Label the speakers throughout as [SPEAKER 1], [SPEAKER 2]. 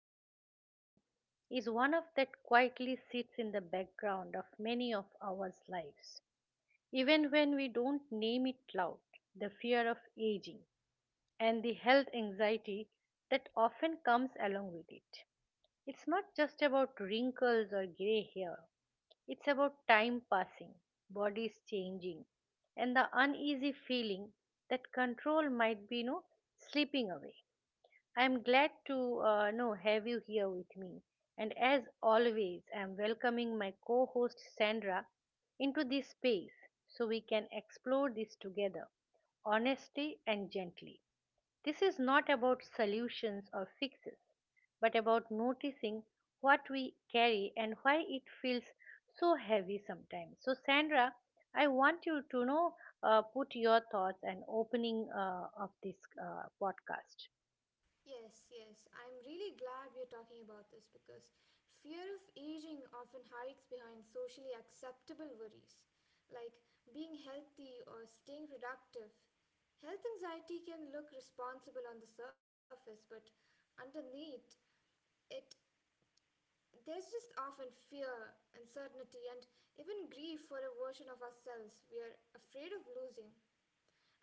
[SPEAKER 1] conversation is one of that quietly sits in the background of many of our lives. Even when we don't name it loud, the fear of aging and the health anxiety that often comes along with it. It's not just about wrinkles or gray hair, it's about time passing, bodies changing, and the uneasy feeling that control might be slipping away. I am glad to know have you here with me. And as always, I am welcoming my co-host Sandra into this space so we can explore this together, honestly and gently. This is not about solutions or fixes, but about noticing what we carry and why it feels so heavy sometimes. So Sandra, I want you to know put your thoughts and opening of this podcast.
[SPEAKER 2] Yes, yes. I'm really glad we're talking about this because fear of aging often hides behind socially acceptable worries like being healthy or staying productive. Health anxiety can look responsible on the surface, but underneath, it there's just often fear, uncertainty, and even grief for a version of ourselves we are afraid of losing.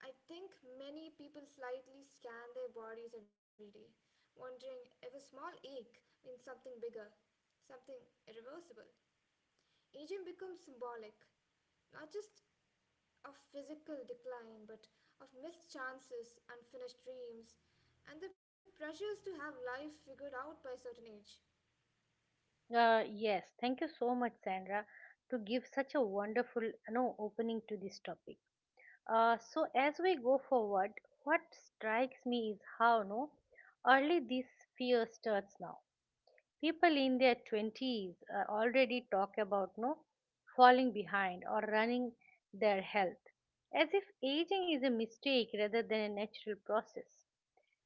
[SPEAKER 2] I think many people slightly scan their bodies every day, wondering if a small ache means something bigger, something irreversible. Aging becomes symbolic, not just of physical decline, but of missed chances, unfinished dreams, and the pressures to have life figured out by a certain age.
[SPEAKER 1] Yes, thank you so much, Sandra, to give such a wonderful, opening to this topic. So as we go forward, what strikes me is how no early this fear starts now. People in their twenties already talk about no falling behind or running their health, as if aging is a mistake rather than a natural process.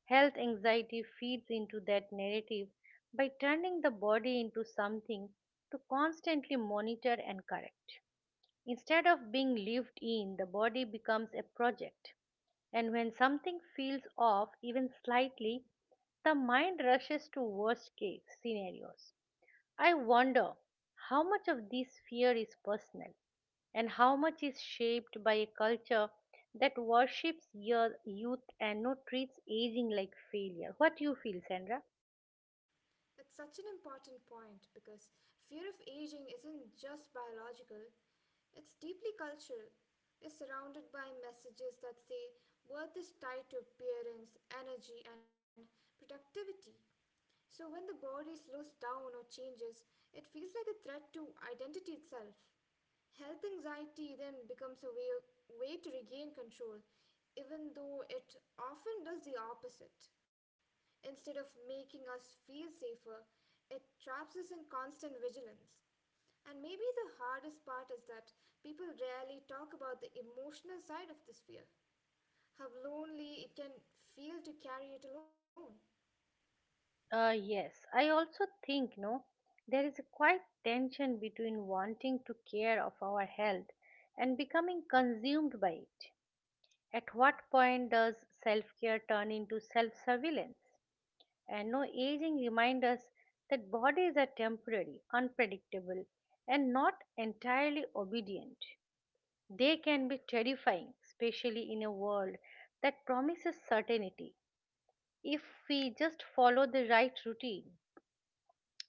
[SPEAKER 1] Health anxiety feeds into that narrative by turning the body into something to constantly monitor and correct. Instead of being lived in, the body becomes a project. And when something feels off, even slightly, the mind rushes to worst case scenarios. I wonder how much of this fear is personal and how much is shaped by a culture that worships your youth and no treats aging like failure. What do you feel, Sandra?
[SPEAKER 2] That's such an important point because fear of aging isn't just biological, it's deeply cultural. We're surrounded by messages that say worth is tied to appearance, energy, and productivity. So when the body slows down or changes, it feels like a threat to identity itself. Health anxiety then becomes a way to regain control, even though it often does the opposite. Instead of making us feel safer, it traps us in constant vigilance. And maybe the hardest part is that people rarely talk about the emotional side of this fear, how lonely it can feel to carry it alone.
[SPEAKER 1] Yes, I also think no, there is a quite tension between wanting to care of our health and becoming consumed by it. At what point does self-care turn into self-surveillance? And no aging reminds us that bodies are temporary, unpredictable, and not entirely obedient. They can be terrifying, especially in a world that promises certainty if we just follow the right routine.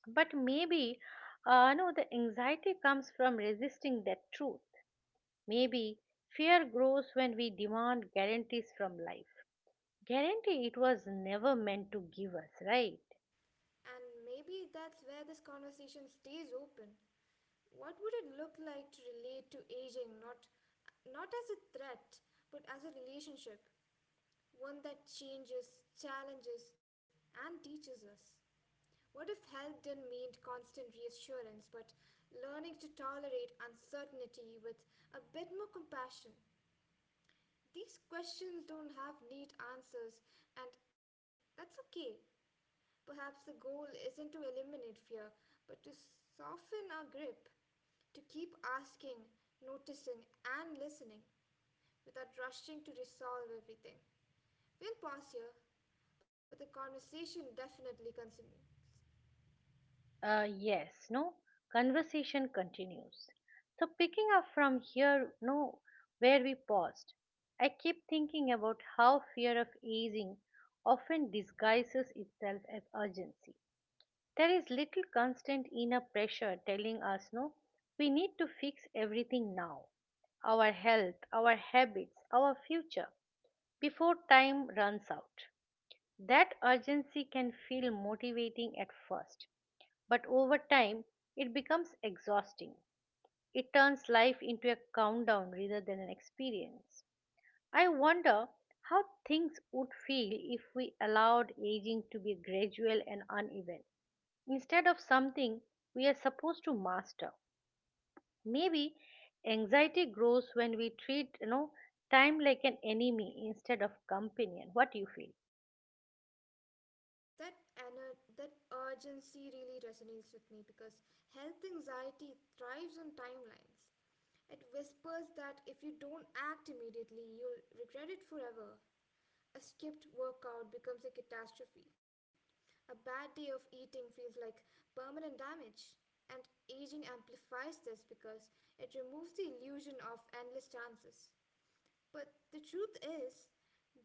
[SPEAKER 1] But maybe, no, the anxiety comes from resisting that truth. Maybe fear grows when we demand guarantees from life. Guarantee it was never meant to give us, right?
[SPEAKER 2] And maybe that's where this conversation stays open. What would it look like to relate to aging not as a threat but as a relationship, one that changes, challenges and teaches us? What if health didn't mean constant reassurance but learning to tolerate uncertainty with a bit more compassion? These questions don't have neat answers, and that's okay. Perhaps the goal isn't to eliminate fear, but to soften our grip, to keep asking, noticing, and listening without rushing to resolve everything. We'll pause here, but the conversation definitely continues.
[SPEAKER 1] Yes, no, conversation continues. So, picking up from here, no, where we paused, I keep thinking about how fear of aging often disguises itself as urgency. There is little constant inner pressure telling us, no, we need to fix everything now our health, our habits, our future before time runs out. That urgency can feel motivating at first but over time, it becomes exhausting. It turns life into a countdown rather than an experience. I wonder how things would feel if we allowed aging to be gradual and uneven instead of something we are supposed to master. Maybe anxiety grows when we treat, time like an enemy instead of companion. What do you feel?
[SPEAKER 2] That, that urgency really resonates with me because health anxiety thrives on timelines. It whispers that if you don't act immediately, you'll regret it forever. A skipped workout becomes a catastrophe. A bad day of eating feels like permanent damage. And aging amplifies this because it removes the illusion of endless chances. But the truth is,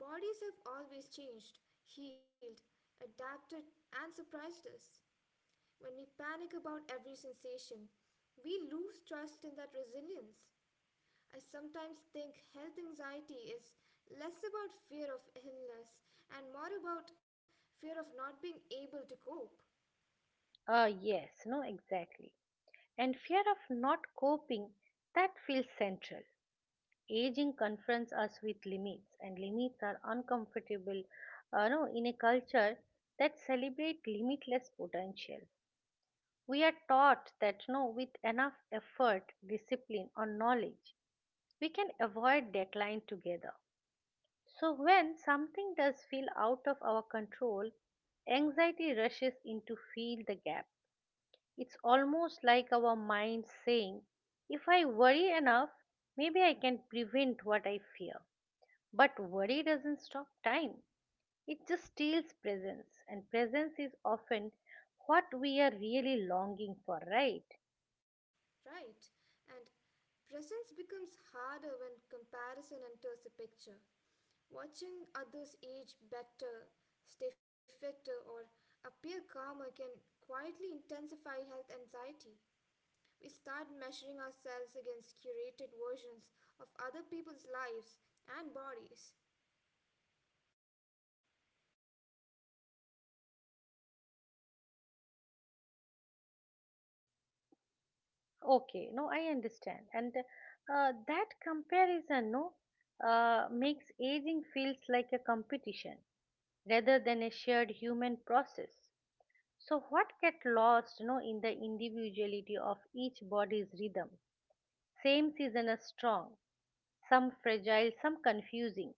[SPEAKER 2] bodies have always changed, healed, adapted, and surprised us. When we panic about every sensation, we lose trust in that resilience. I sometimes think health anxiety is less about fear of illness and more about fear of not being able to cope,
[SPEAKER 1] Yes, no, exactly. And fear of not coping, that feels central. Aging confronts us with limits and limits are uncomfortable no, in a culture that celebrates limitless potential we are taught that no with enough effort discipline or knowledge we can avoid decline together. So when something does feel out of our control anxiety rushes in to fill the gap. It's almost like our mind saying if I worry enough maybe I can prevent what I fear, but worry doesn't stop time, it just steals presence, and presence is often what we are really longing for, right?
[SPEAKER 2] right? And presence becomes harder when comparison enters the picture. Watching others age better, stay fitter, or appear calmer can quietly intensify health anxiety. We start measuring ourselves against curated versions of other people's lives and bodies.
[SPEAKER 1] Okay, no, I understand. And that comparison, no, makes aging feels like a competition rather than a shared human process. So, what get lost, no, in the individuality of each body's rhythm? Same season is strong, some fragile, some confusing.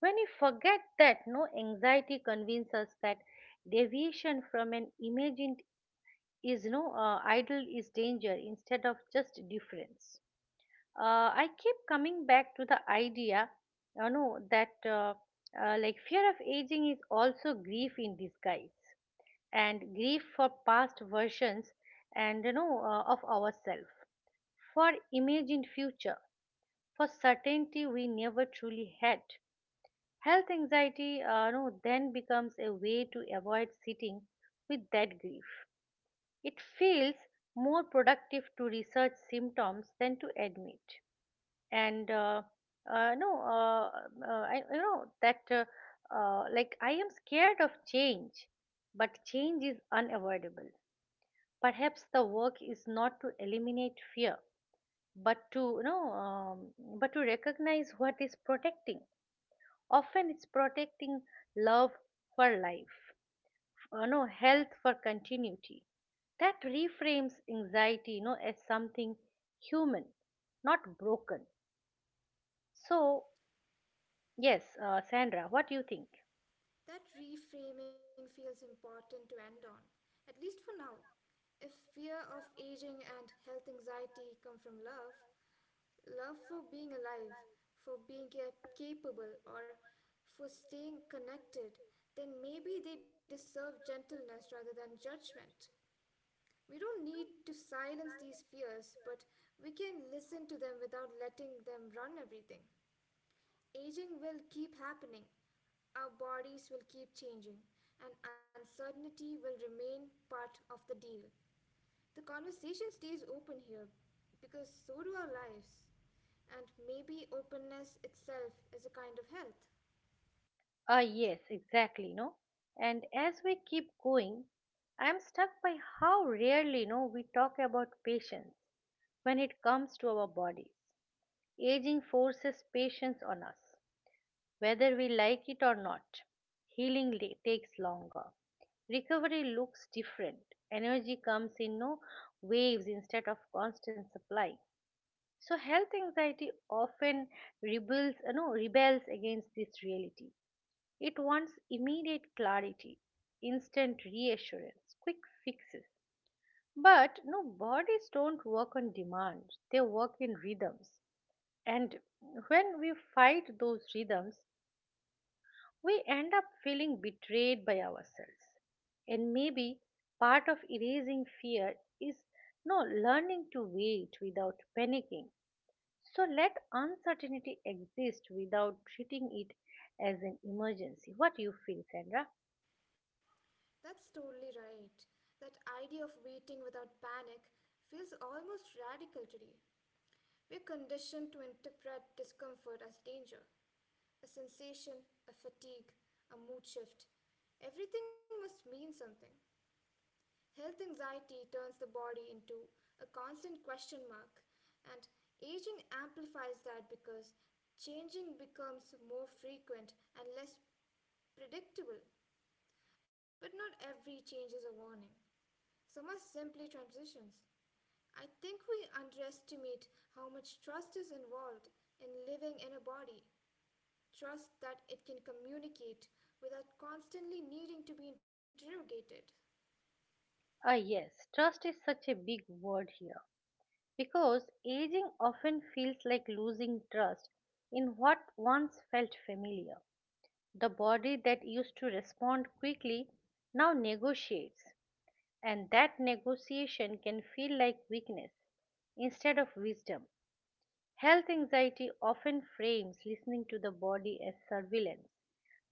[SPEAKER 1] When you forget that, no anxiety convinces us that deviation from an imagined is no idol is danger instead of just difference. I keep coming back to the idea, that like fear of aging is also grief in disguise, and grief for past versions and of ourselves, for imagined future, for certainty we never truly had. Health anxiety no, then becomes a way to avoid sitting with that grief. It feels more productive to research symptoms than to admit. And no, I you know that like I am scared of change, but change is unavoidable. Perhaps the work is not to eliminate fear, but to but to recognize what is protecting. Often it's protecting love for life no health for continuity. That reframes anxiety as something human not broken. So yes, Sandra, what do you think?
[SPEAKER 2] That reframing feels important to end on, at least for now. If fear of aging and health anxiety come from love, love for being alive, for being capable, or for staying connected, then maybe they deserve gentleness rather than judgment. We don't need to silence these fears, but we can listen to them without letting them run everything. Aging will keep happening, our bodies will keep changing, and uncertainty will remain part of the deal. The conversation stays open here because so do our lives. And maybe openness itself is a kind of health.
[SPEAKER 1] Ah, yes, exactly, no. And as we keep going, I'm stuck by how rarely, no, we talk about patience when it comes to our bodies. Aging forces patience on us, whether we like it or not. Healing takes longer. Recovery looks different. Energy comes in no waves instead of constant supply. So health anxiety often rebels, no, rebels against this reality. It wants immediate clarity, instant reassurance, quick fixes. But no bodies don't work on demand. They work in rhythms. And when we fight those rhythms, we end up feeling betrayed by ourselves. And maybe part of erasing fear is no learning to wait without panicking. So let uncertainty exist without treating it as an emergency. What do you feel, Sandra?
[SPEAKER 2] That's totally right. That idea of waiting without panic feels almost radical today. We're conditioned to interpret discomfort as danger. A sensation, a fatigue, a mood shift. Everything must mean something. Health anxiety turns the body into a constant question mark, and aging amplifies that because changing becomes more frequent and less predictable. But not every change is a warning. Some are simply transitions. I think we underestimate how much trust is involved in living in a body. Trust that it can communicate without constantly needing to be interrogated.
[SPEAKER 1] Ah, yes, trust is such a big word here because aging often feels like losing trust in what once felt familiar. The body that used to respond quickly now negotiates, and that negotiation can feel like weakness instead of wisdom. Health anxiety often frames listening to the body as surveillance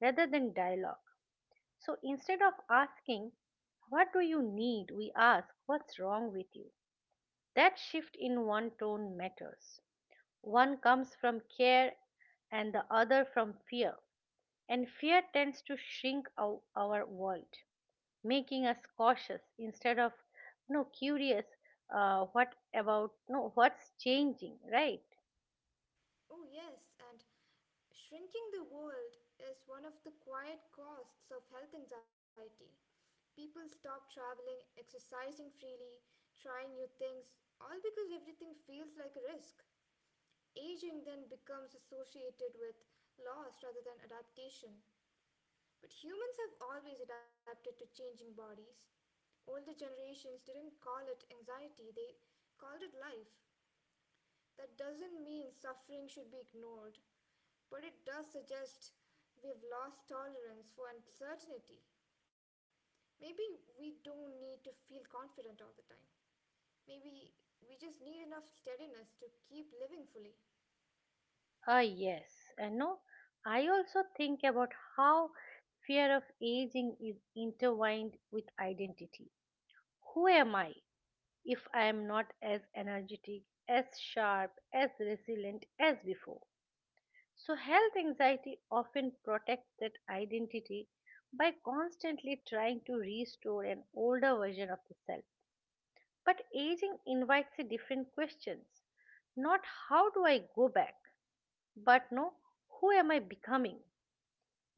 [SPEAKER 1] rather than dialogue. So instead of asking, "What do you need?" we ask, "What's wrong with you?" That shift in one tone matters. One comes from care and the other from fear, and fear tends to shrink our world, making us cautious instead of no curious. What about no what's changing, right?
[SPEAKER 2] Oh, yes, and shrinking the world is one of the quiet costs of health anxiety. People stop traveling, exercising freely, trying new things, all because everything feels like a risk. Aging then becomes associated with loss rather than adaptation. But humans have always adapted to changing bodies. Older generations didn't call it anxiety, they called it life. That doesn't mean suffering should be ignored, but it does suggest we've lost tolerance for uncertainty. Maybe we don't need to feel confident all the time. Maybe we just need enough steadiness to keep living fully.
[SPEAKER 1] Ah yes, and no I also think about how fear of aging is intertwined with identity. Who am I if I am not as energetic as sharp as resilient as before? So health anxiety often protects that identity by constantly trying to restore an older version of the self. But aging invites a different questions. Not how do I go back, but no, who am I becoming?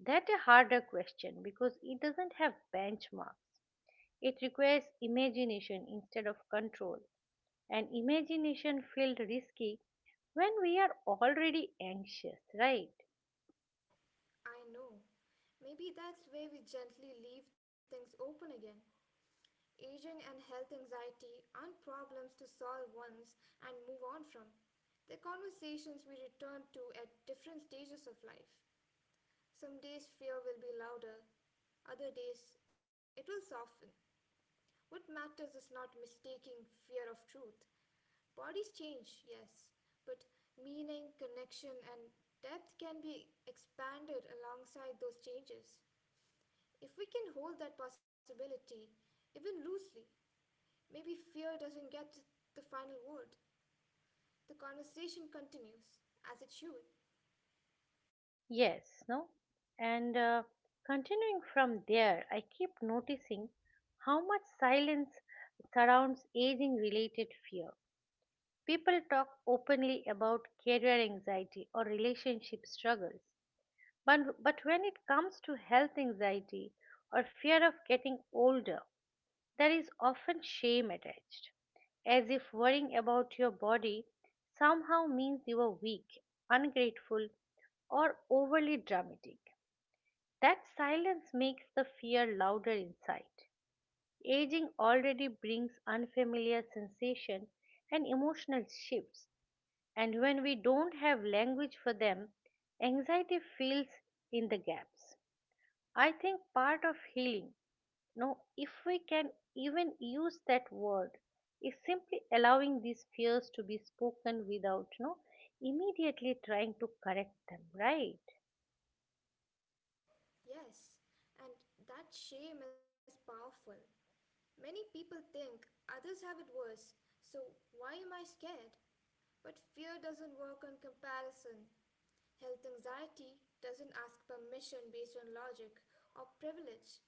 [SPEAKER 1] That's a harder question because it doesn't have benchmarks. It requires imagination instead of control. And imagination feels risky when we are already anxious, right?
[SPEAKER 2] I know. Maybe that's where we gently leave things open again. Aging and health anxiety aren't problems to solve once and move on from. They're conversations we return to at different stages of life. Some days fear will be louder, other days it will soften. What matters is not mistaking fear of truth. Bodies change, yes, but meaning, connection, and depth can be expanded alongside those changes. If we can hold that possibility, even loosely, maybe fear doesn't get the final word. The conversation continues, as it should.
[SPEAKER 1] Yes, no? And continuing from there, I keep noticing how much silence surrounds aging related fear. People talk openly about career anxiety or relationship struggles, but when it comes to health anxiety or fear of getting older, there is often shame attached, as if worrying about your body somehow means you are weak, ungrateful, or overly dramatic. That silence makes the fear louder inside. Aging already brings unfamiliar sensation and emotional shifts and when we don't have language for them, anxiety fills in the gaps. I think part of healing, no, if we can even use that word, is simply allowing these fears to be spoken without, no, immediately trying to correct them, right?
[SPEAKER 2] Yes, and that shame is powerful. Many people think others have it worse, so why am I scared? But fear doesn't work on comparison. Health anxiety doesn't ask permission based on logic or privilege.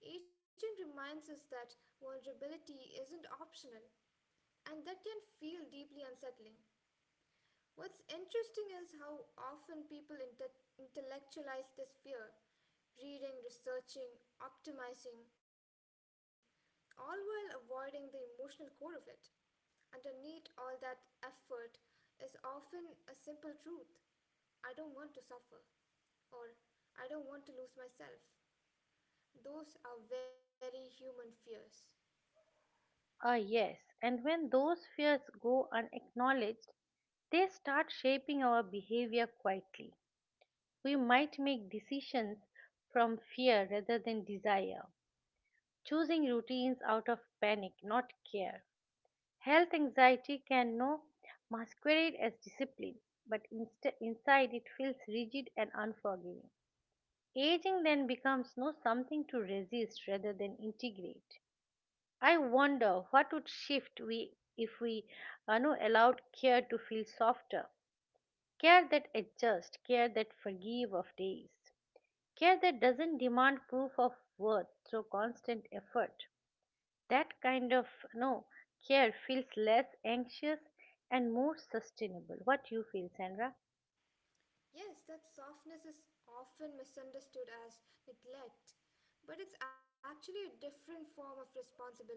[SPEAKER 2] Aging reminds us that vulnerability isn't optional, and that can feel deeply unsettling. What's interesting is how often people intellectualize this fear, reading, researching, optimizing, all while avoiding the emotional core of it. Underneath all that effort is often a simple truth. I don't want to suffer, or I don't want to lose myself. Those are very human fears.
[SPEAKER 1] Ah, yes, and when those fears go unacknowledged, they start shaping our behavior quietly. We might make decisions from fear rather than desire, choosing routines out of panic, not care. Health anxiety can no masquerade as discipline, but inside it feels rigid and unforgiving. Aging then becomes no something to resist rather than integrate. I wonder what would shift we if we no, allowed care to feel softer, care that adjusts, care that forgive of days, care that doesn't demand proof of worth through constant effort. That kind of no care feels less anxious and more sustainable. What you feel, Sandra?
[SPEAKER 2] Yes, that softness is often misunderstood as neglect, but it's actually a different form of responsibility.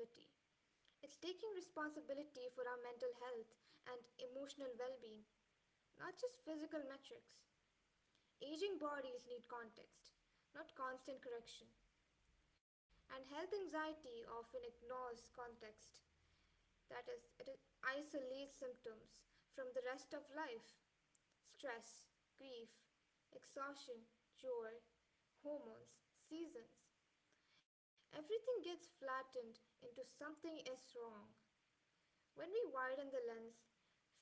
[SPEAKER 2] It's taking responsibility for our mental health and emotional well being, not just physical metrics. Aging bodies need context, not constant correction, and health anxiety often ignores context. That is, isolates symptoms from the rest of life. Stress, grief, exhaustion, joy, hormones, seasons. Everything gets flattened into something is wrong. When we widen the lens,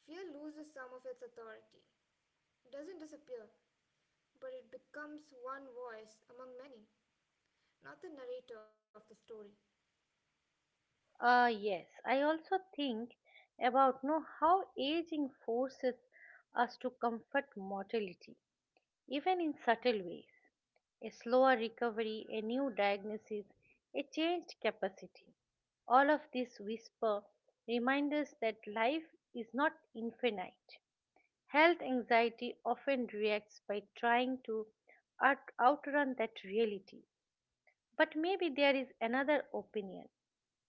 [SPEAKER 2] fear loses some of its authority. It doesn't disappear, but it becomes one voice among many, not the narrator of the story.
[SPEAKER 1] Yes, I also think about know how aging forces us to comfort mortality, even in subtle ways. A slower recovery, a new diagnosis, a changed capacity. All of this whisper remind us that life is not infinite. Health anxiety often reacts by trying to outrun that reality. But maybe there is another opinion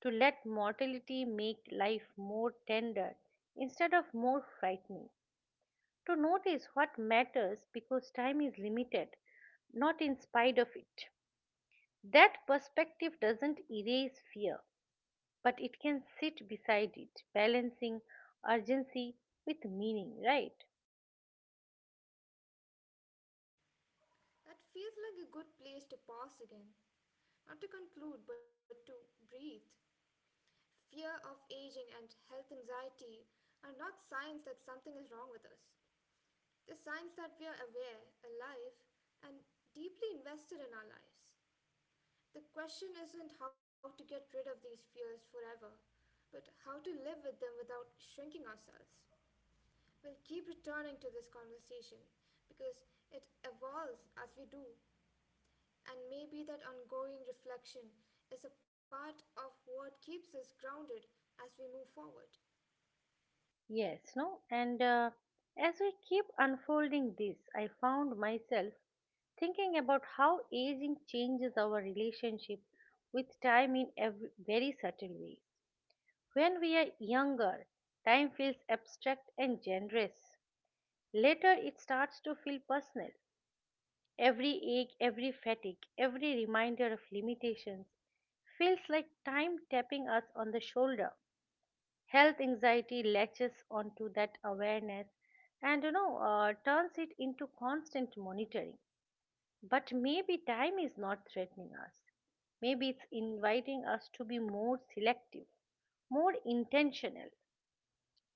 [SPEAKER 1] to let mortality make life more tender instead of more frightening. To notice what matters because time is limited, not in spite of it. That perspective doesn't erase fear, but it can sit beside it, balancing urgency with meaning, right?
[SPEAKER 2] That feels like a good place to pause again. Not to conclude, but to breathe. Fear of aging and health anxiety are not signs that something is wrong with us. They're signs that we are aware, alive, and deeply invested in our lives. The question isn't how to get rid of these fears forever, but how to live with them without shrinking ourselves. We'll keep returning to this conversation because it evolves as we do. And maybe that ongoing reflection is a part of what keeps us grounded as we move forward.
[SPEAKER 1] Yes, no? And as we keep unfolding this, I found myself thinking about how aging changes our relationship with time in every very subtle way. When we are younger, time feels abstract and generous. Later, it starts to feel personal. Every ache, every fatigue, every reminder of limitations feels like time tapping us on the shoulder. Health anxiety latches onto that awareness and turns it into constant monitoring. But maybe time is not threatening us. Maybe it's inviting us to be more selective, more intentional.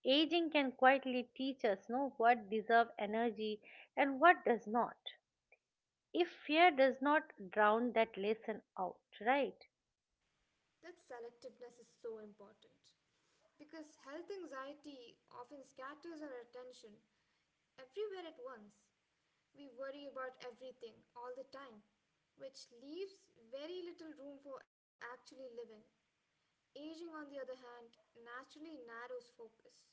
[SPEAKER 1] Aging can quietly teach us know what deserve energy and what does not, if fear does not drown that lesson out, right?
[SPEAKER 2] That selectiveness is so important because health anxiety often scatters our attention everywhere at once. We worry about everything all the time, which leaves very little room for actually living. Aging, on the other hand, naturally narrows focus.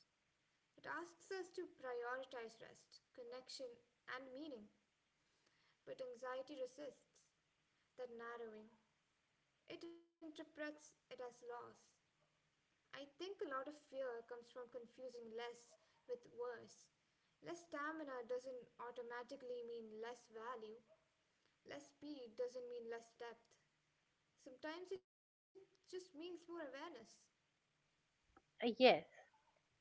[SPEAKER 2] It asks us to prioritize rest, connection, and meaning. But anxiety resists that narrowing, it interprets it as loss. I think a lot of fear comes from confusing less with worse. Less stamina doesn't automatically mean less value. Less speed doesn't mean less depth. Sometimes it just means more awareness.
[SPEAKER 1] Yes,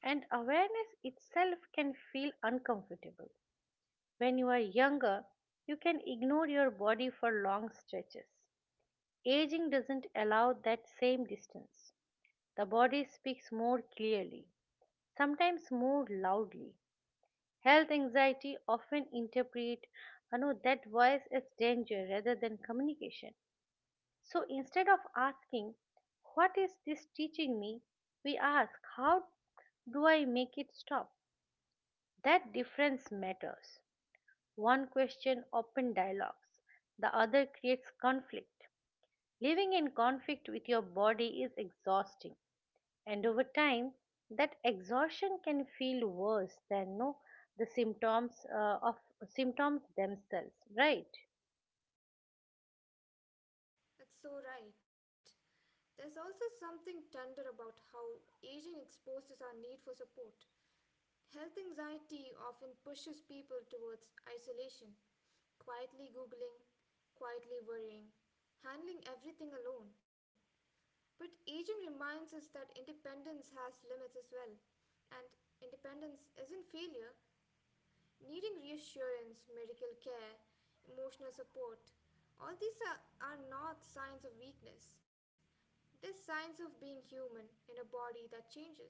[SPEAKER 1] and awareness itself can feel uncomfortable. When you are younger, you can ignore your body for long stretches. Aging doesn't allow that same distance. The body speaks more clearly, sometimes more loudly. Health anxiety often interpret, that voice as danger rather than communication. So instead of asking, "What is this teaching me?" we ask, "How do I make it stop?" That difference matters. One question open dialogues, the other creates conflict. Living in conflict with your body is exhausting, and over time, that exhaustion can feel worse than no the symptoms of symptoms themselves, right?
[SPEAKER 2] That's so right. There's also something tender about how aging exposes our need for support. Health anxiety often pushes people towards isolation, quietly Googling, quietly worrying, handling everything alone. But aging reminds us that independence has limits as well, and independence isn't failure. Needing reassurance, medical care, emotional support, all these are not signs of weakness. They're signs of being human in a body that changes.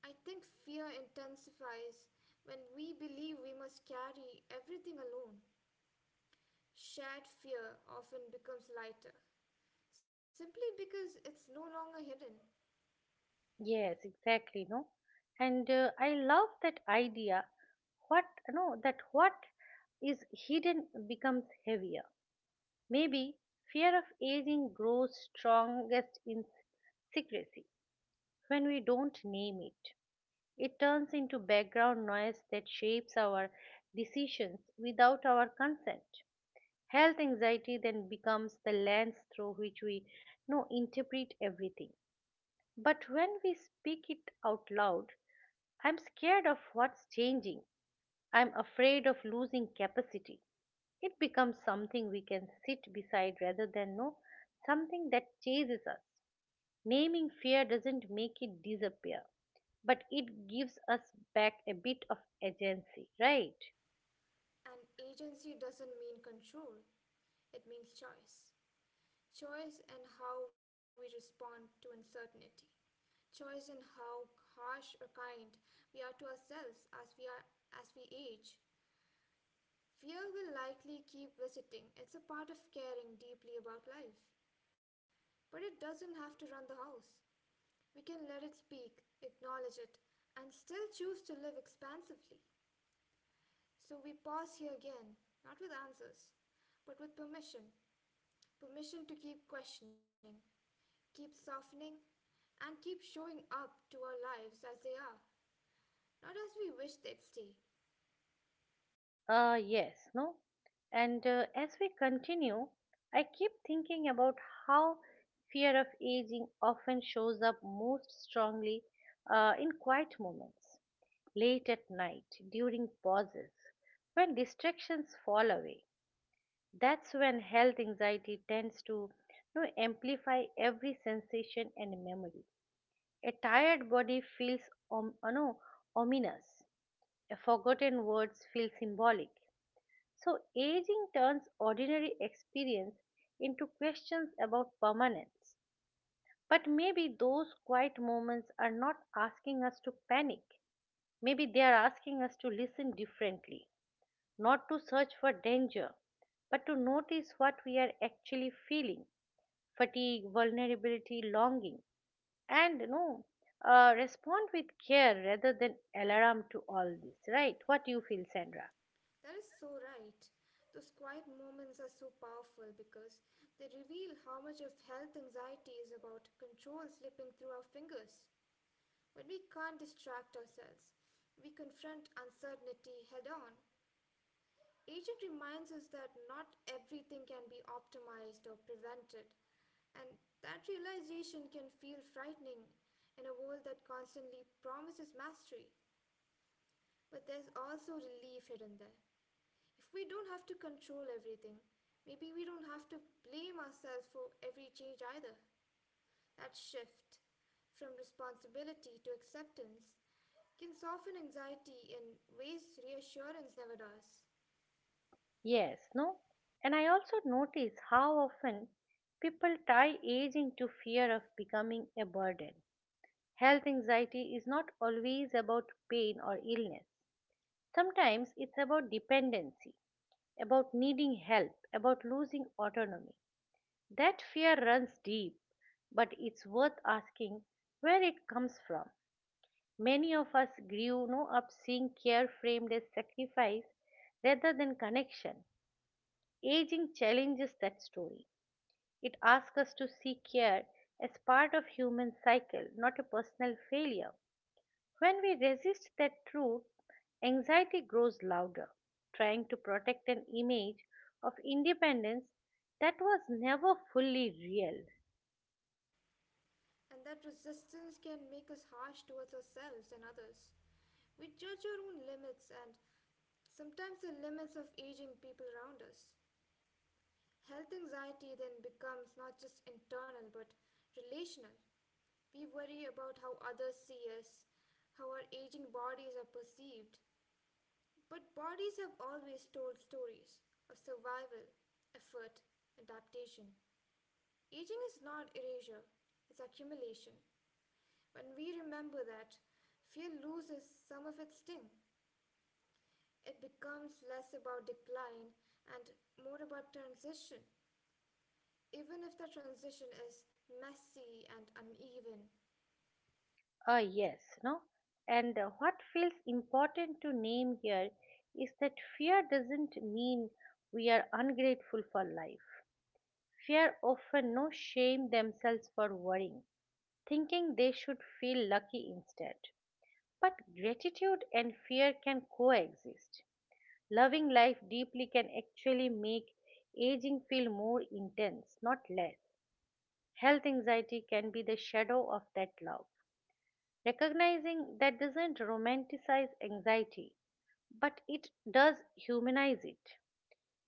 [SPEAKER 2] I think fear intensifies when we believe we must carry everything alone. Shared fear often becomes lighter, simply because it's no longer hidden.
[SPEAKER 1] Yes, exactly, no. And I love that idea. What no, That what is hidden becomes heavier. Maybe fear of aging grows strongest in secrecy, when we don't name it. It turns into background noise that shapes our decisions without our consent. Health anxiety then becomes the lens through which we no interpret everything. But when we speak it out loud, "I'm scared of what's changing. I'm afraid of losing capacity." It becomes something we can sit beside rather than no something that chases us. Naming fear doesn't make it disappear, but it gives us back a bit of agency, right?
[SPEAKER 2] And agency doesn't mean control, it means choice. Choice in how we respond to uncertainty. Choice in how harsh or kind we are to ourselves as we age. Fear will likely keep visiting. It's a part of caring deeply about life. But it doesn't have to run the house. We can let it speak, acknowledge it, and still choose to live expansively. So we pause here again, not with answers, but with permission. Permission to keep questioning, keep softening, and keep showing up to our lives as they are, not as we wish they'd stay.
[SPEAKER 1] Yes, no? And as we continue, I keep thinking about how fear of aging often shows up most strongly in quiet moments, late at night, during pauses, when distractions fall away. That's when health anxiety tends to, amplify every sensation and memory. A tired body feels om- no, ominous. A forgotten words feel symbolic. So aging turns ordinary experience into questions about permanence. But maybe those quiet moments are not asking us to panic. Maybe they are asking us to listen differently, not to search for danger, but to notice what we are actually feeling: fatigue, vulnerability, longing. And respond with care rather than alarm to all this, right? What you feel, Sandra?
[SPEAKER 2] That is so right. Those quiet moments are so powerful because they reveal how much of health anxiety is about control slipping through our fingers. But we can't distract ourselves. We confront uncertainty head on. Agent reminds us that not everything can be optimized or prevented, and that realization can feel frightening in a world that constantly promises mastery. But there's also relief hidden there. If we don't have to control everything, maybe we don't have to blame ourselves for every change either. That shift from responsibility to acceptance can soften anxiety in ways reassurance never does,
[SPEAKER 1] Yes, no? And I also notice how often people tie aging to fear of becoming a burden. Health anxiety is not always about pain or illness. Sometimes it's about dependency, about needing help, about losing autonomy. That fear runs deep, but it's worth asking where it comes from. Many of us grew no, up seeing care framed as sacrifice rather than connection. Aging challenges that story. It asks us to see care as part of human cycle, not a personal failure. When we resist that truth, anxiety grows louder, trying to protect an image of independence that was never fully real.
[SPEAKER 2] and that resistance can make us harsh towards ourselves and others. We judge our own limits and sometimes the limits of aging people around us. Health anxiety then becomes not just internal but relational. We worry about how others see us, how our aging bodies are perceived. But bodies have always told stories of survival, effort, adaptation. Aging is not erasure, it's accumulation. When we remember that, fear loses some of its sting. It becomes less about decline and more about transition, even if the transition is messy and uneven.
[SPEAKER 1] Yes, no? And what feels important to name here is that fear doesn't mean we are ungrateful for life. Fear often no shame themselves for worrying, thinking they should feel lucky instead. But gratitude and fear can coexist. Loving life deeply can actually make aging feel more intense, not less. Health anxiety can be the shadow of that love. Recognizing that doesn't romanticize anxiety, but it does humanize it.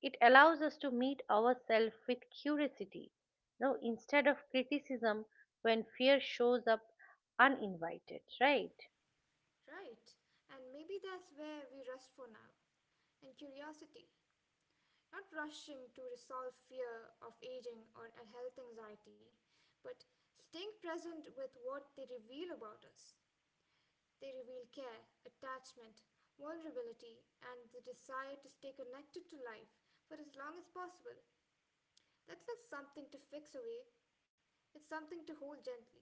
[SPEAKER 1] It allows us to meet ourselves with curiosity, no, instead of criticism when fear shows up uninvited, right?
[SPEAKER 2] Right, and maybe that's where we rest for now in curiosity, not rushing to resolve fear of aging or a health anxiety, but staying present with what they reveal about us. They reveal care, attachment, vulnerability, and the desire to stay connected to life for as long as possible. That's not something to fix away, it's something to hold gently.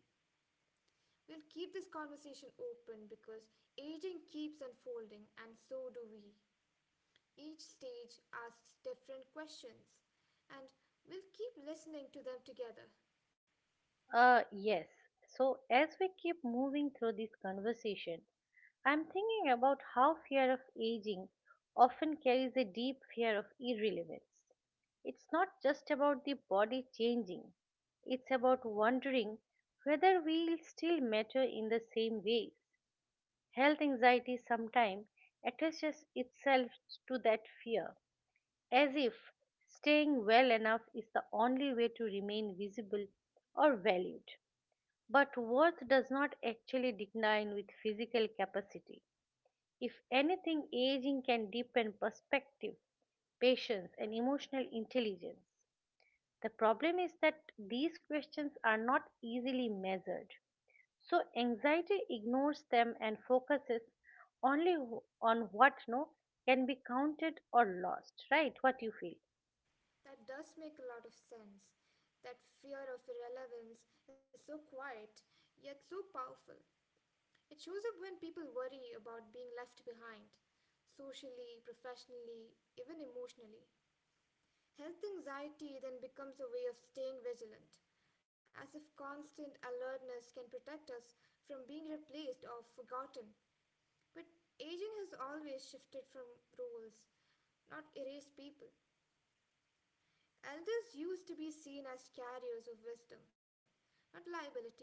[SPEAKER 2] We'll keep this conversation open because aging keeps unfolding, and so do we. Each stage asks different questions, and we'll keep listening to them together.
[SPEAKER 1] Yes. So, as we keep moving through this conversation, I'm thinking about how fear of aging often carries a deep fear of irrelevance. It's not just about the body changing, it's about wondering whether we'll still matter in the same ways. Health anxiety sometimes attaches itself to that fear, as if staying well enough is the only way to remain visible or valued. But worth does not actually decline with physical capacity. If anything, aging can deepen perspective, patience, and emotional intelligence. The problem is that these questions are not easily measured. So anxiety ignores them and focuses only on what no can be counted or lost, right? What you feel?
[SPEAKER 2] That does make a lot of sense. That fear of irrelevance is so quiet, yet so powerful. It shows up when people worry about being left behind, socially, professionally, even emotionally. Health anxiety then becomes a way of staying vigilant, as if constant alertness can protect us from being replaced or forgotten. But aging has always shifted from roles, not erased people. Elders used to be seen as carriers of wisdom, not liabilities.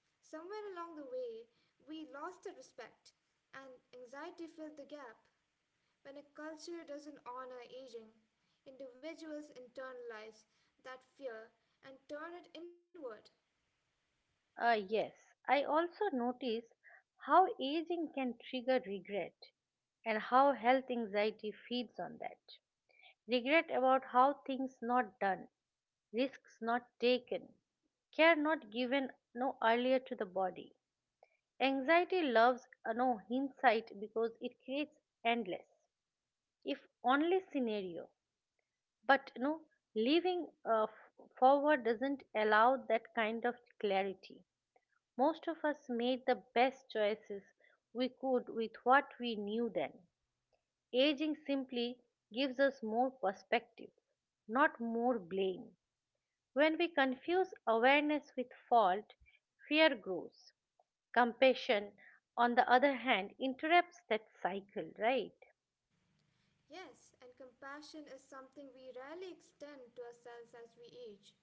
[SPEAKER 2] Somewhere along the way, we lost the respect, and anxiety filled the gap. When a culture doesn't honor aging, individuals internalize that fear and turn it inward.
[SPEAKER 1] Yes, I also notice how aging can trigger regret and how health anxiety feeds on that. Regret about how things not done, risks not taken, care not given no earlier to the body. Anxiety loves no hindsight because it creates endless, if only scenario. But living forward doesn't allow that kind of clarity. Most of us made the best choices we could with what we knew then. Aging simply gives us more perspective, not more blame. When we confuse awareness with fault, fear grows. Compassion, on the other hand, interrupts that cycle, right?
[SPEAKER 2] Yes, and compassion is something we rarely extend to ourselves as we age.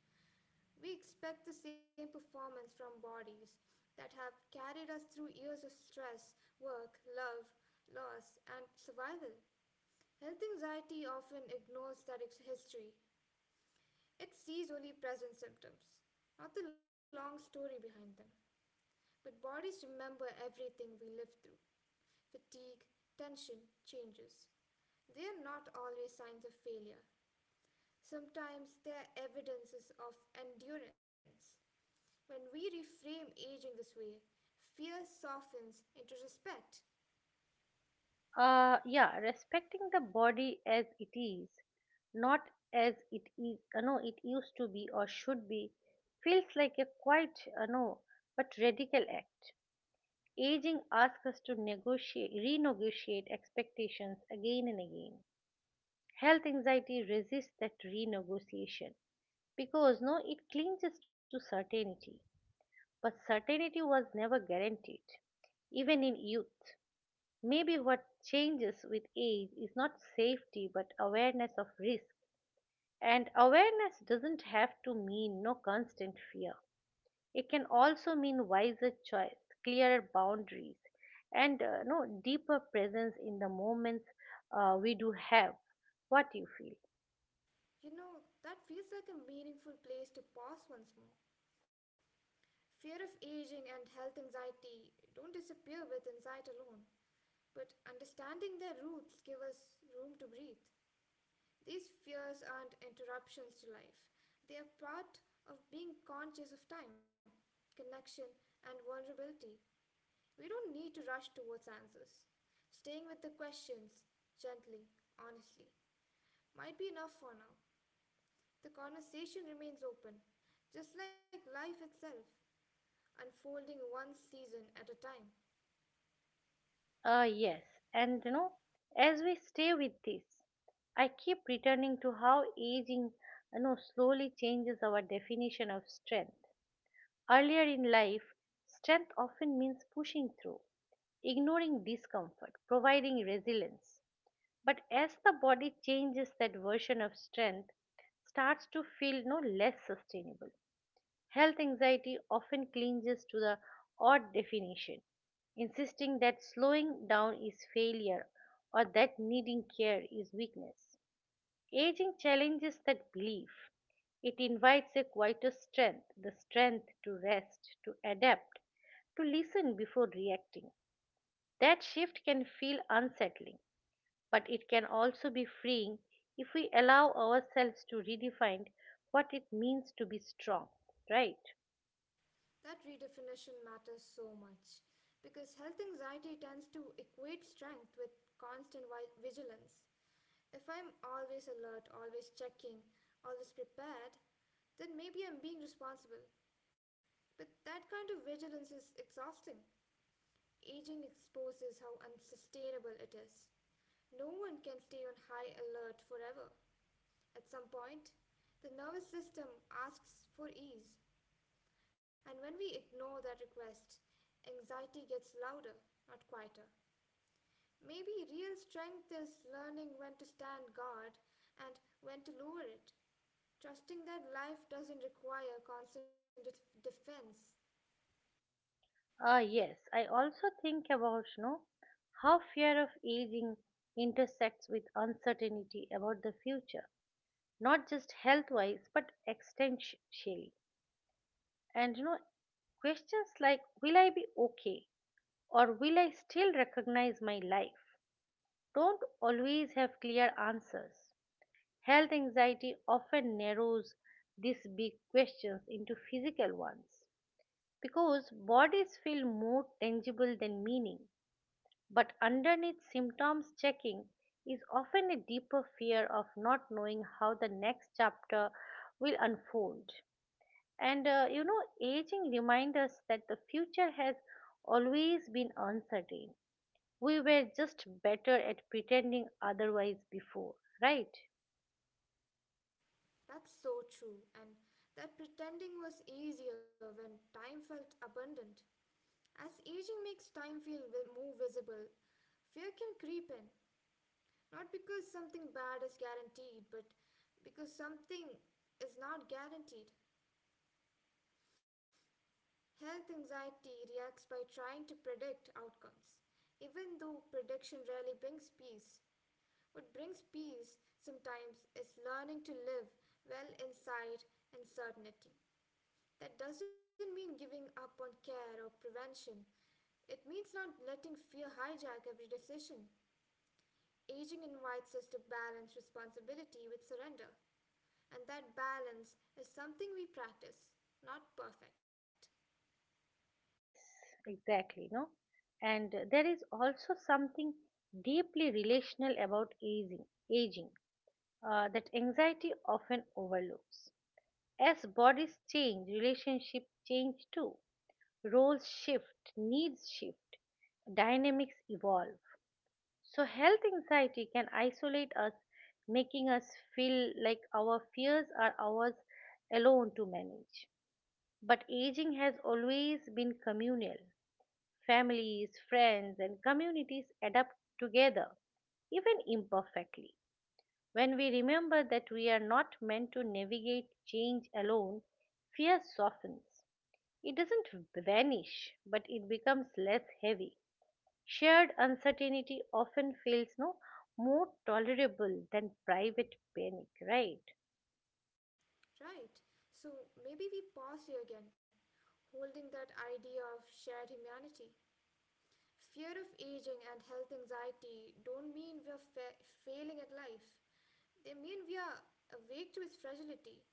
[SPEAKER 2] We expect the same performance from bodies that have carried us through years of stress, work, love, loss, and survival. Health anxiety often ignores that history. It sees only present symptoms, not the long story behind them. But bodies remember everything we live through fatigue, tension, changes. They are not always signs of failure. Sometimes they are evidences of endurance. When we reframe aging this way, fear softens into respect.
[SPEAKER 1] Yeah, respecting the body as it is, not as it is, no, it used to be or should be, feels like a quite, no, but radical act. Aging asks us to negotiate, renegotiate expectations again and again. Health anxiety resists that renegotiation because, no, it clings to certainty. But certainty was never guaranteed, even in youth. Maybe what changes with age is not safety but awareness of risk. And awareness doesn't have to mean no constant fear. It can also mean wiser choice, clearer boundaries, and no deeper presence in the moments we do have. What you feel?
[SPEAKER 2] You know, that feels like a meaningful place to pause once more. Fear of aging and health anxiety don't disappear with insight alone, but understanding their roots give us room to breathe. These fears aren't interruptions to life. They are part of being conscious of time, connection, and vulnerability. We don't need to rush towards answers. Staying with the questions, gently, honestly, might be enough for now. The conversation remains open, just like life itself, unfolding one season at a time.
[SPEAKER 1] Yes. And you know, as we stay with this, I keep returning to how aging, slowly changes our definition of strength. Earlier in life, strength often means pushing through, ignoring discomfort, providing resilience. But as the body changes, that version of strength starts to feel no less sustainable. Health anxiety often clinges to the odd definition, insisting that slowing down is failure or that needing care is weakness. Aging challenges that belief. It invites a quieter strength, the strength to rest, to adapt, to listen before reacting. That shift can feel unsettling, but it can also be freeing if we allow ourselves to redefine what it means to be strong, right?
[SPEAKER 2] That redefinition matters so much because health anxiety tends to equate strength with constant vigilance. If I'm always alert, always checking, always prepared, then maybe I'm being responsible. But that kind of vigilance is exhausting. Aging exposes how unsustainable it is. No one can stay on high alert forever. At some point, the nervous system asks for ease, and when we ignore that request, anxiety gets louder, not quieter. Maybe real strength is learning when to stand guard and when to lower it, trusting that life doesn't require constant defense.
[SPEAKER 1] Ah, yes, I also think about, how fear of aging intersects with uncertainty about the future, not just health wise but existentially. And you know, questions like "Will I be okay?" or "Will I still recognize my life?" don't always have clear answers. Health anxiety often narrows these big questions into physical ones because bodies feel more tangible than meaning. But underneath symptoms checking is often a deeper fear of not knowing how the next chapter will unfold. And aging reminds us that the future has always been uncertain. We were just better at pretending otherwise before, right?
[SPEAKER 2] That's so true, and that pretending was easier when time felt abundant. As aging makes time feel more visible, fear can creep in, not because something bad is guaranteed, but because something is not guaranteed. Health anxiety reacts by trying to predict outcomes, even though prediction rarely brings peace. What brings peace sometimes is learning to live well inside uncertainty. That doesn't mean giving up on care or prevention. It means not letting fear hijack every decision. Aging invites us to balance responsibility with surrender. And that balance is something we practice, not perfect,
[SPEAKER 1] Yes, exactly, no? And there is also something deeply relational about aging, aging that anxiety often overlooks. As bodies change, relationships change too. Roles shift, needs shift, dynamics evolve. So, health anxiety can isolate us, making us feel like our fears are ours alone to manage. But aging has always been communal. Families, friends, and communities adapt together, even imperfectly. When we remember that we are not meant to navigate change alone, fear softens. It doesn't vanish, but it becomes less heavy. Shared uncertainty often feels no more tolerable than private panic, right?
[SPEAKER 2] right? So maybe we pause here again, holding that idea of shared humanity. Fear of aging and health anxiety don't mean we're failing at life. They mean we are awake to its fragility.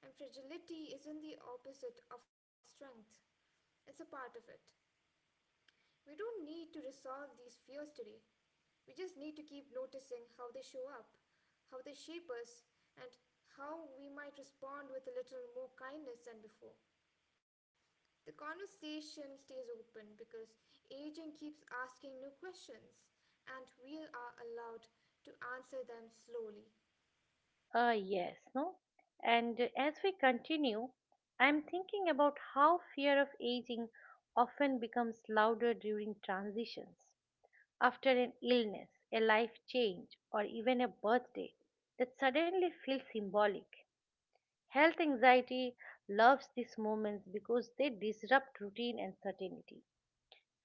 [SPEAKER 2] And fragility isn't the opposite of strength, it's a part of it. We don't need to resolve these fears today. We just need to keep noticing how they show up, how they shape us, and how we might respond with a little more kindness than before. The conversation stays open because aging keeps asking new questions, and we are allowed to answer them slowly.
[SPEAKER 1] Yes, no. And as we continue, I'm thinking about how fear of aging often becomes louder during transitions. After an illness, a life change, or even a birthday that suddenly feels symbolic. Health anxiety loves these moments because they disrupt routine and certainty.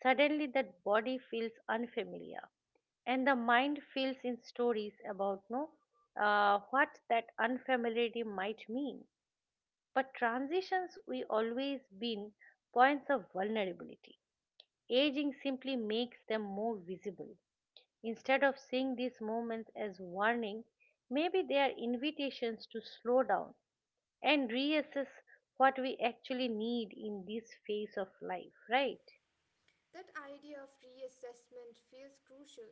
[SPEAKER 1] Suddenly, that body feels unfamiliar, and the mind fills in stories about no, what that unfamiliarity might mean. But transitions we always been points of vulnerability. Aging simply makes them more visible. Instead of seeing these moments as warning, maybe they are invitations to slow down and reassess what we actually need in this phase of life, right?
[SPEAKER 2] That idea of reassessment feels crucial.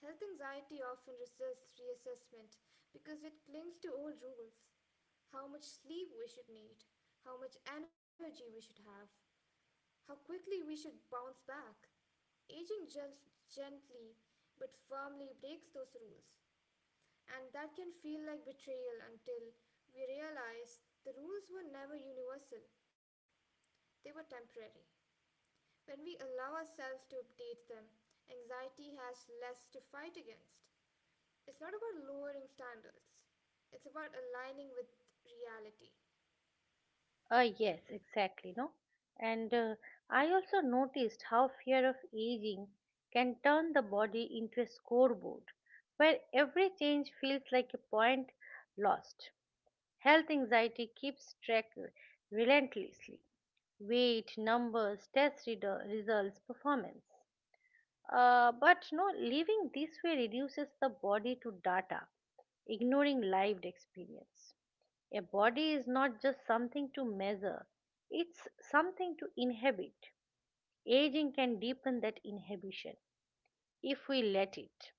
[SPEAKER 2] Health anxiety often resists reassessment because it clings to old rules. How much sleep we should need, how much energy we should have, how quickly we should bounce back. Aging just gently but firmly breaks those rules, and that can feel like betrayal until we realize the rules were never universal, they were temporary. When we allow ourselves to update them, anxiety has less to fight against. It's not about lowering standards, it's about aligning with reality.
[SPEAKER 1] Yes, exactly, no? And I also noticed how fear of aging can turn the body into a scoreboard where every change feels like a point lost. Health anxiety keeps track relentlessly: weight, numbers, test reader, results, performance. But no, living this way reduces the body to data, ignoring lived experience. A body is not just something to measure, it's something to inhabit. Aging can deepen that inhibition if we let it.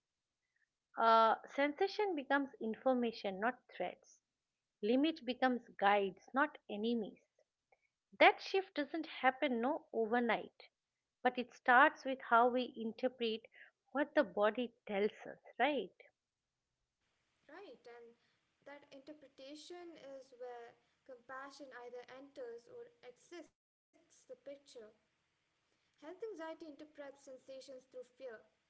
[SPEAKER 1] Sensation becomes information, not threats. Limit becomes guides, not enemies. That shift doesn't happen no overnight, but it starts with how we interpret what the body tells us, right?
[SPEAKER 2] Right, and that interpretation is where compassion either enters or exits the picture. Health anxiety interprets sensations through fear,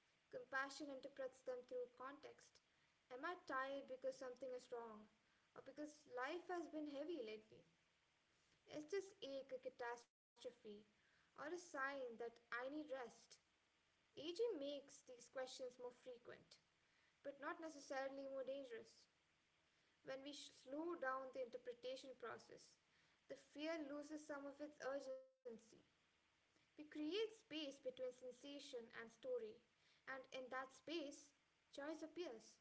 [SPEAKER 2] compassion interprets them through context. Am I tired because something is wrong? Or because life has been heavy lately? Is this ache a catastrophe? Or a sign that I need rest? Aging makes these questions more frequent, but not necessarily more dangerous when we slow down the interpretation process. The fear loses some of its urgency. We create space between sensation and story, and in that space, choice appears.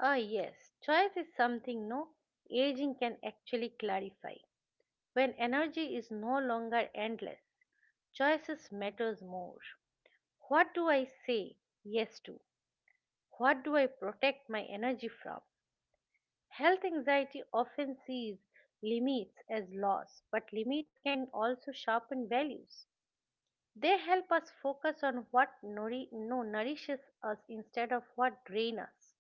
[SPEAKER 1] Ah, yes, choice is something no aging can actually clarify. When energy is no longer endless, choices matters more. What do I say yes to? What do I protect my energy from? Health anxiety often sees limits as loss, but limits can also sharpen values. They help us focus on what nouri- no, nourishes us instead of what drain us.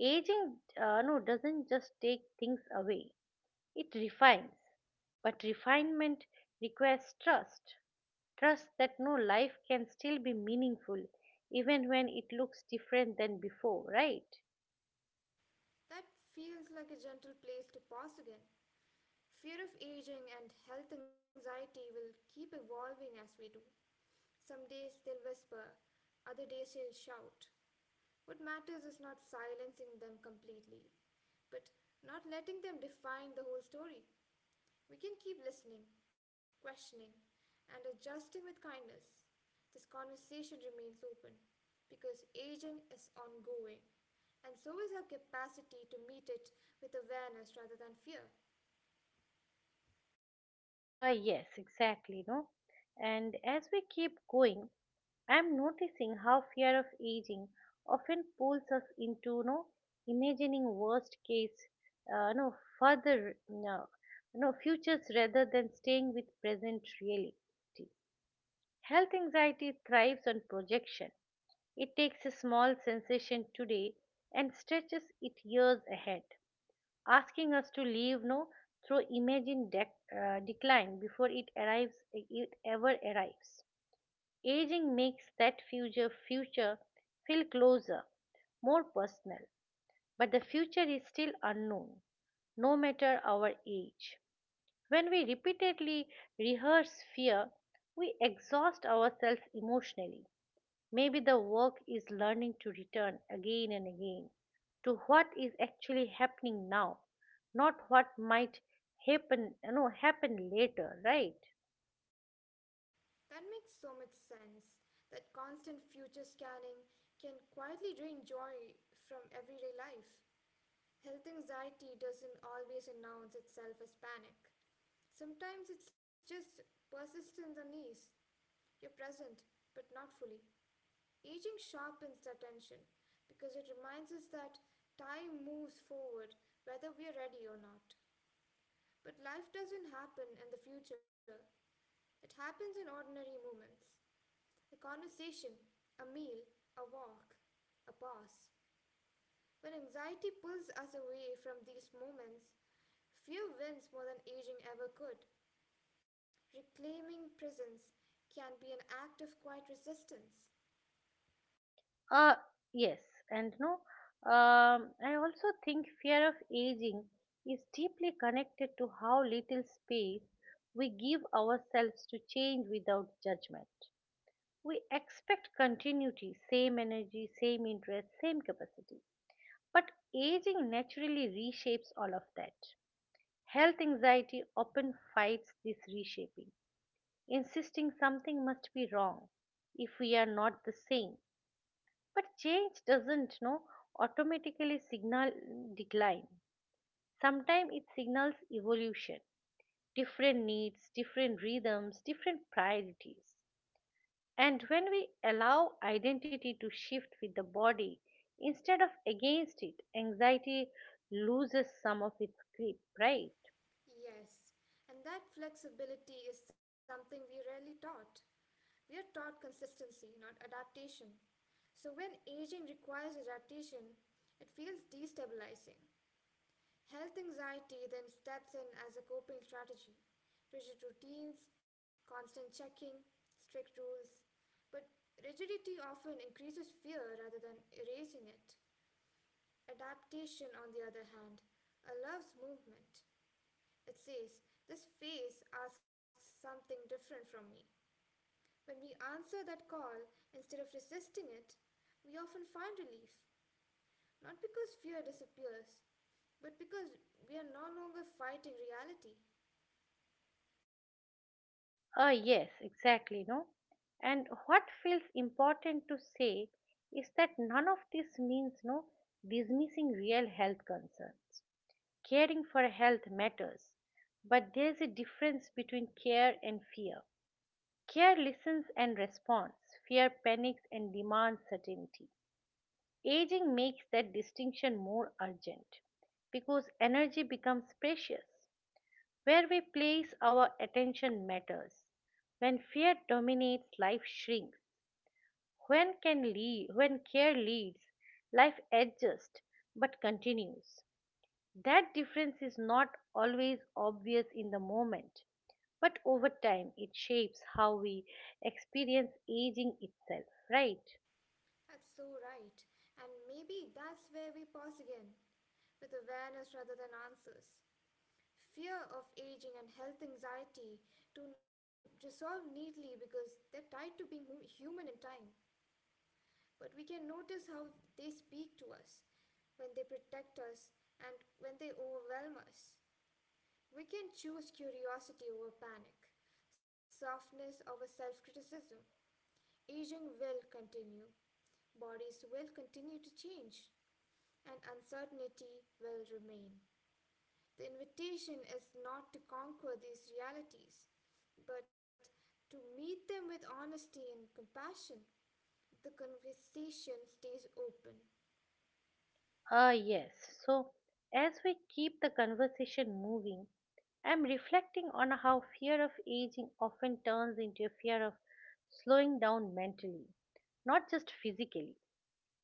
[SPEAKER 1] Aging, doesn't just take things away, it refines. But refinement requires trust, trust that no life can still be meaningful even when it looks different than before, right?
[SPEAKER 2] That feels like a gentle place to pause again. Fear of aging and health anxiety will keep evolving as we do. Some days they'll whisper, other days they'll shout. What matters is not silencing them completely, but not letting them define the whole story. We can keep listening, questioning, and adjusting with kindness. This conversation remains open because aging is ongoing. And so is her capacity to meet it with awareness rather than fear.
[SPEAKER 1] Yes, exactly, no? And as we keep going, I'm noticing how fear of aging often pulls us into, imagining worst case, no further, no, no futures rather than staying with present reality. Health anxiety thrives on projection. It takes a small sensation today and stretches it years ahead, asking us to leave no through imagine decline before it ever arrives. Aging makes that future feel closer, more personal, but the future is still unknown, no matter our age. When we repeatedly rehearse fear, we exhaust ourselves emotionally. Maybe the work is learning to return again and again to what is actually happening now, not what might happen you know happen later, right?
[SPEAKER 2] That makes so much sense. That constant future scanning can quietly drain joy from everyday life. Health anxiety doesn't always announce itself as panic. Sometimes it's just persistent unease. You're present, but not fully. Aging sharpens that tension because it reminds us that time moves forward whether we are ready or not. But life doesn't happen in the future. It happens in ordinary moments, a conversation, a meal, a walk, a pause. When anxiety pulls us away from these moments, fear wins more than aging ever could. Reclaiming presence can be an act of quiet resistance.
[SPEAKER 1] Uh yes, and no, I also think fear of aging is deeply connected to how little space we give ourselves to change without judgment. We expect continuity, same energy, same interest, same capacity. But aging naturally reshapes all of that. Health anxiety often fights this reshaping, insisting something must be wrong if we are not the same. But change doesn't no automatically signal decline. Sometimes it signals evolution, different needs, different rhythms, different priorities. And when we allow identity to shift with the body instead of against it, anxiety loses some of its grip, right?
[SPEAKER 2] Yes, and that flexibility is something we rarely taught. We are taught consistency, not adaptation. So, when aging requires adaptation, it feels destabilizing. Health anxiety then steps in as a coping strategy, rigid routines, constant checking, strict rules. But rigidity often increases fear rather than erasing it. Adaptation, on the other hand, allows movement. It says, this phase asks something different from me. When we answer that call instead of resisting it, we often find relief. Not because fear disappears, but because we are no longer fighting reality.
[SPEAKER 1] Ah, yes, exactly, no? And what feels important to say is that none of this means no dismissing real health concern. Caring for health matters, but there's a difference between care and fear. Care listens and responds, fear panics and demands certainty. Aging makes that distinction more urgent because energy becomes precious. Where we place our attention matters. When fear dominates, life shrinks. When can lead, when care leads, life adjusts but continues. That difference is not always obvious in the moment, but over time it shapes how we experience aging itself, right?
[SPEAKER 2] That's so right. And maybe that's where we pause again, with awareness rather than answers. Fear of aging and health anxiety to resolve neatly because they're tied to being human in time. But we can notice how they speak to us, when they protect us, and when they overwhelm us. We can choose curiosity over panic, softness over self criticism. Aging will continue, bodies will continue to change, and uncertainty will remain. The invitation is not to conquer these realities, but to meet them with honesty and compassion. The conversation stays open.
[SPEAKER 1] Ah, yes. So, as we keep the conversation moving, I'm reflecting on how fear of aging often turns into a fear of slowing down mentally, not just physically.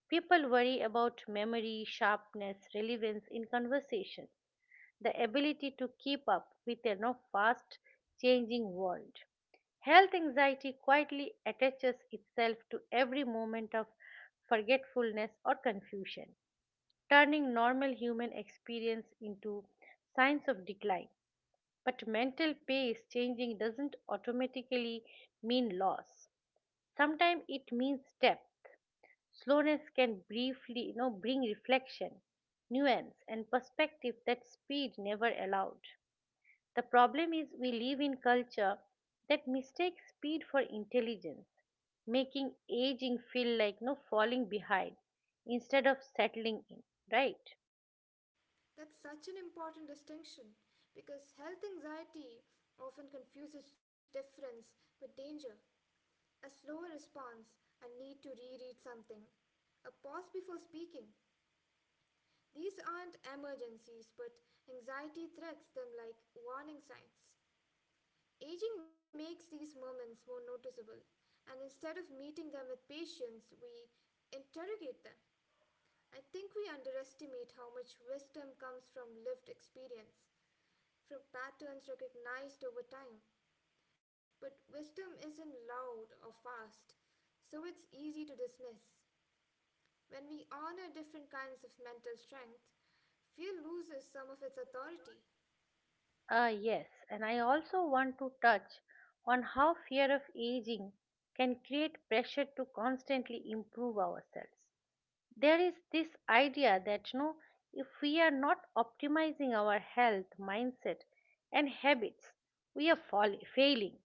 [SPEAKER 1] People worry about memory, sharpness, relevance in conversations, the ability to keep up with a now fast changing world. Health anxiety quietly attaches itself to every moment of forgetfulness or confusion, turning normal human experience into signs of decline. But mental pace changing doesn't automatically mean loss. Sometimes it means depth. Slowness can briefly, bring reflection, nuance, and perspective that speed never allowed. The problem is we live in culture that mistakes speed for intelligence, making aging feel like no falling behind instead of settling in, right?
[SPEAKER 2] That's such an important distinction because health anxiety often confuses difference with danger. A slower response, a need to reread something, a pause before speaking. These aren't emergencies, but anxiety threats them like warning signs. Aging makes these moments more noticeable, and instead of meeting them with patience, we interrogate them. I think we underestimate how much wisdom comes from lived experience, from patterns recognized over time. But wisdom isn't loud or fast, so it's easy to dismiss. When we honor different kinds of mental strength, fear loses some of its authority.
[SPEAKER 1] Ah, yes, and I also want to touch on how fear of aging can create pressure to constantly improve ourselves. There is this idea that no, if we are not optimizing our health, mindset, and habits, we are failing.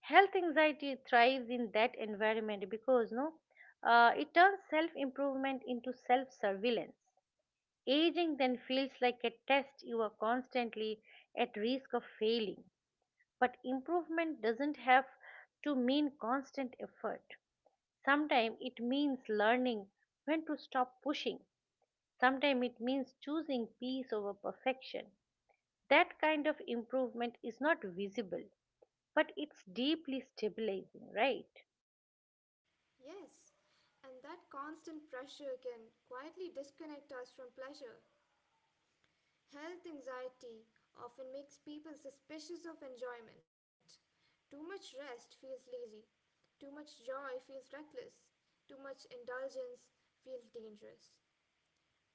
[SPEAKER 1] Health anxiety thrives in that environment because no, it turns self improvement into self surveillance. Aging then feels like a test you are constantly at risk of failing. But improvement doesn't have to mean constant effort. Sometimes it means learning when to stop pushing. Sometimes it means choosing peace over perfection. That kind of improvement is not visible, but it's deeply stabilizing, right?
[SPEAKER 2] Yes, and that constant pressure can quietly disconnect us from pleasure. Health anxiety often makes people suspicious of enjoyment. Too much rest feels lazy, too much joy feels reckless, too much indulgence feels dangerous.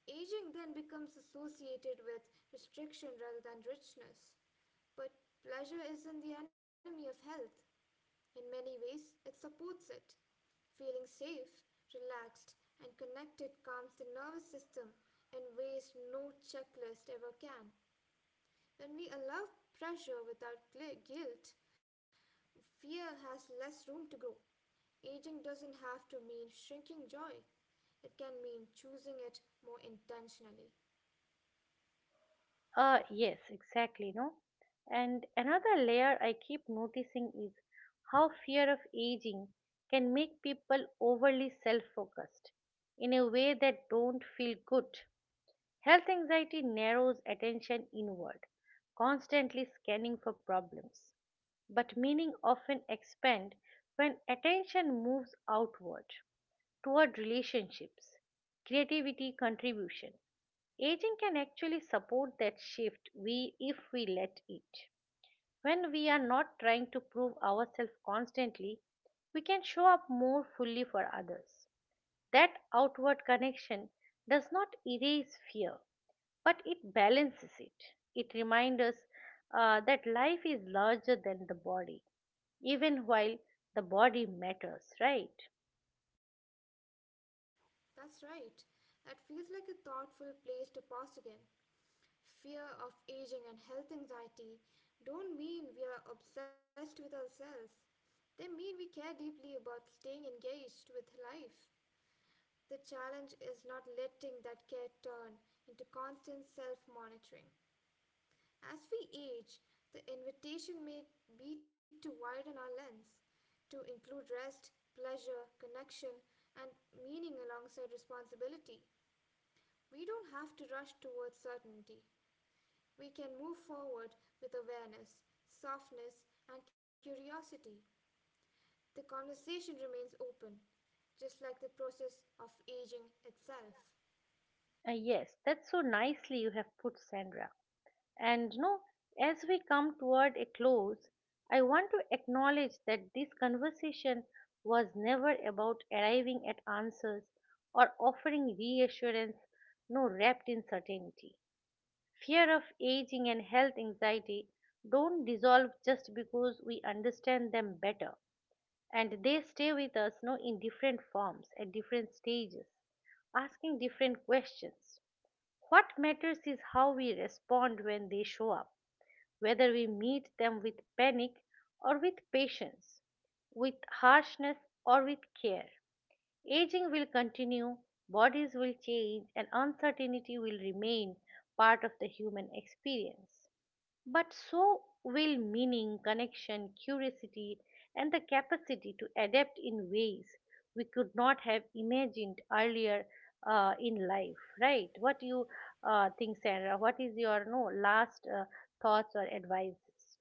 [SPEAKER 2] Aging then becomes associated with restriction rather than richness. But pleasure isn't the enemy of health. In many ways, it supports it. Feeling safe, relaxed, and connected calms the nervous system in ways no checklist ever can. When we allow pressure without guilt, fear has less room to grow. Aging doesn't have to mean shrinking joy, it can mean choosing it more intentionally.
[SPEAKER 1] Yes, exactly, no? And another layer I keep noticing is how fear of aging can make people overly self-focused in a way that don't feel good. Health anxiety narrows attention inward, constantly scanning for problems, but meaning often expand when attention moves outward toward relationships, creativity, contribution. Aging can actually support that shift we if we let it. When we are not trying to prove ourselves constantly, we can show up more fully for others. That outward connection does not erase fear, but it balances it. It reminds us that life is larger than the body, even while the body matters, right?
[SPEAKER 2] That's right. That feels like a thoughtful place to pause again. Fear of aging and health anxiety don't mean we are obsessed with ourselves. They mean we care deeply about staying engaged with life. The challenge is not letting that care turn into constant self monitoring. As we age, the invitation may be to widen our lens, to include rest, pleasure, connection, and meaning alongside responsibility. We don't have to rush towards certainty. We can move forward with awareness, softness, and curiosity. The conversation remains open, just like the process of aging itself.
[SPEAKER 1] Yes, that's so nicely you have put, Sandra. And no, as we come toward a close, I want to acknowledge that this conversation was never about arriving at answers or offering reassurance, no, wrapped in certainty. Fear of aging and health anxiety don't dissolve just because we understand them better, and they stay with us no, in different forms at different stages, asking different questions. What matters is how we respond when they show up, whether we meet them with panic or with patience, with harshness or with care. Aging will continue, bodies will change, and uncertainty will remain part of the human experience. But so will meaning, connection, curiosity, and the capacity to adapt in ways we could not have imagined earlier in life, right? What do you think, Sandra? What is your no last thoughts or advice?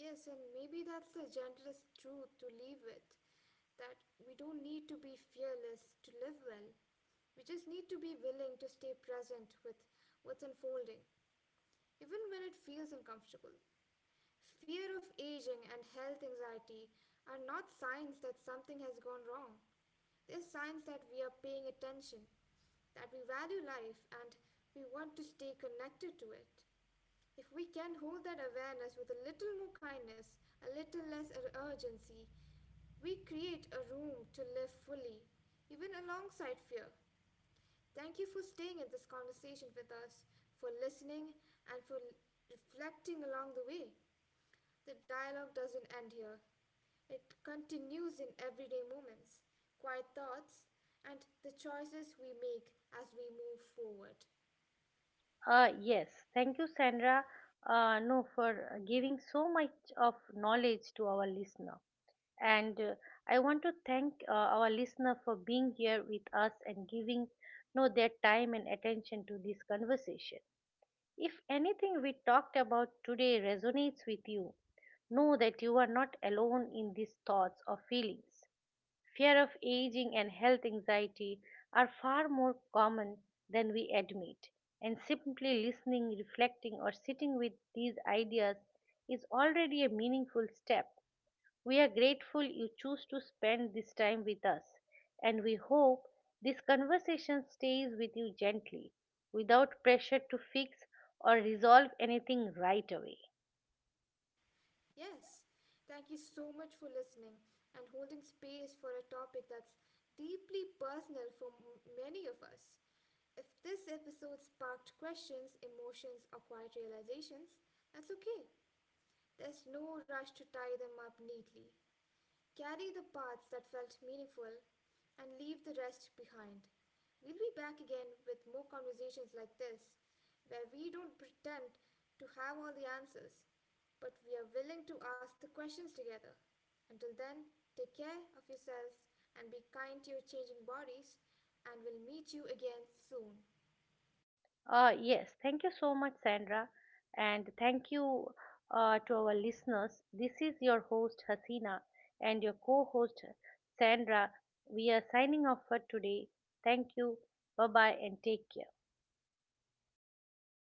[SPEAKER 2] Yes, and maybe that's the gentlest truth to leave with, that we don't need to be fearless to live well. We just need to be willing to stay present with what's unfolding, even when it feels uncomfortable. Fear of aging and health anxiety are not signs that something has gone wrong. They're signs that we are paying attention, that we value life, and we want to stay connected to it. If we can hold that awareness with a little more kindness, a little less urgency, we create a room to live fully, even alongside fear. Thank you for staying in this conversation with us, for listening, and for reflecting along the way. The dialogue doesn't end here, it continues in everyday moments, quiet thoughts, and the choices we make as we move forward.
[SPEAKER 1] Yes, thank you, Sandra. No, for giving so much of knowledge to our listener. And I want to thank our listener for being here with us and giving know their time and attention to this conversation. If anything we talked about today resonates with you, know that you are not alone in these thoughts or feelings. Fear of aging and health anxiety are far more common than we admit, and simply listening, reflecting, or sitting with these ideas is already a meaningful step. We are grateful you choose to spend this time with us, and we hope this conversation stays with you gently, without pressure to fix or resolve anything right away.
[SPEAKER 2] Yes, thank you so much for listening and holding space for a topic that's deeply personal for many of us. If this episode sparked questions, emotions, or quiet realizations, that's okay. There's no rush to tie them up neatly. Carry the parts that felt meaningful and leave the rest behind. We'll be back again with more conversations like this, where we don't pretend to have all the answers, but we are willing to ask the questions together. Until then, take care of yourselves and be kind to your changing bodies, and we'll meet you again soon.
[SPEAKER 1] Yes, thank you so much, Sandra, and thank you, to our listeners. This is your host Hasina and your co-host Sandra. We are signing off for today. Thank you. Bye bye and take care.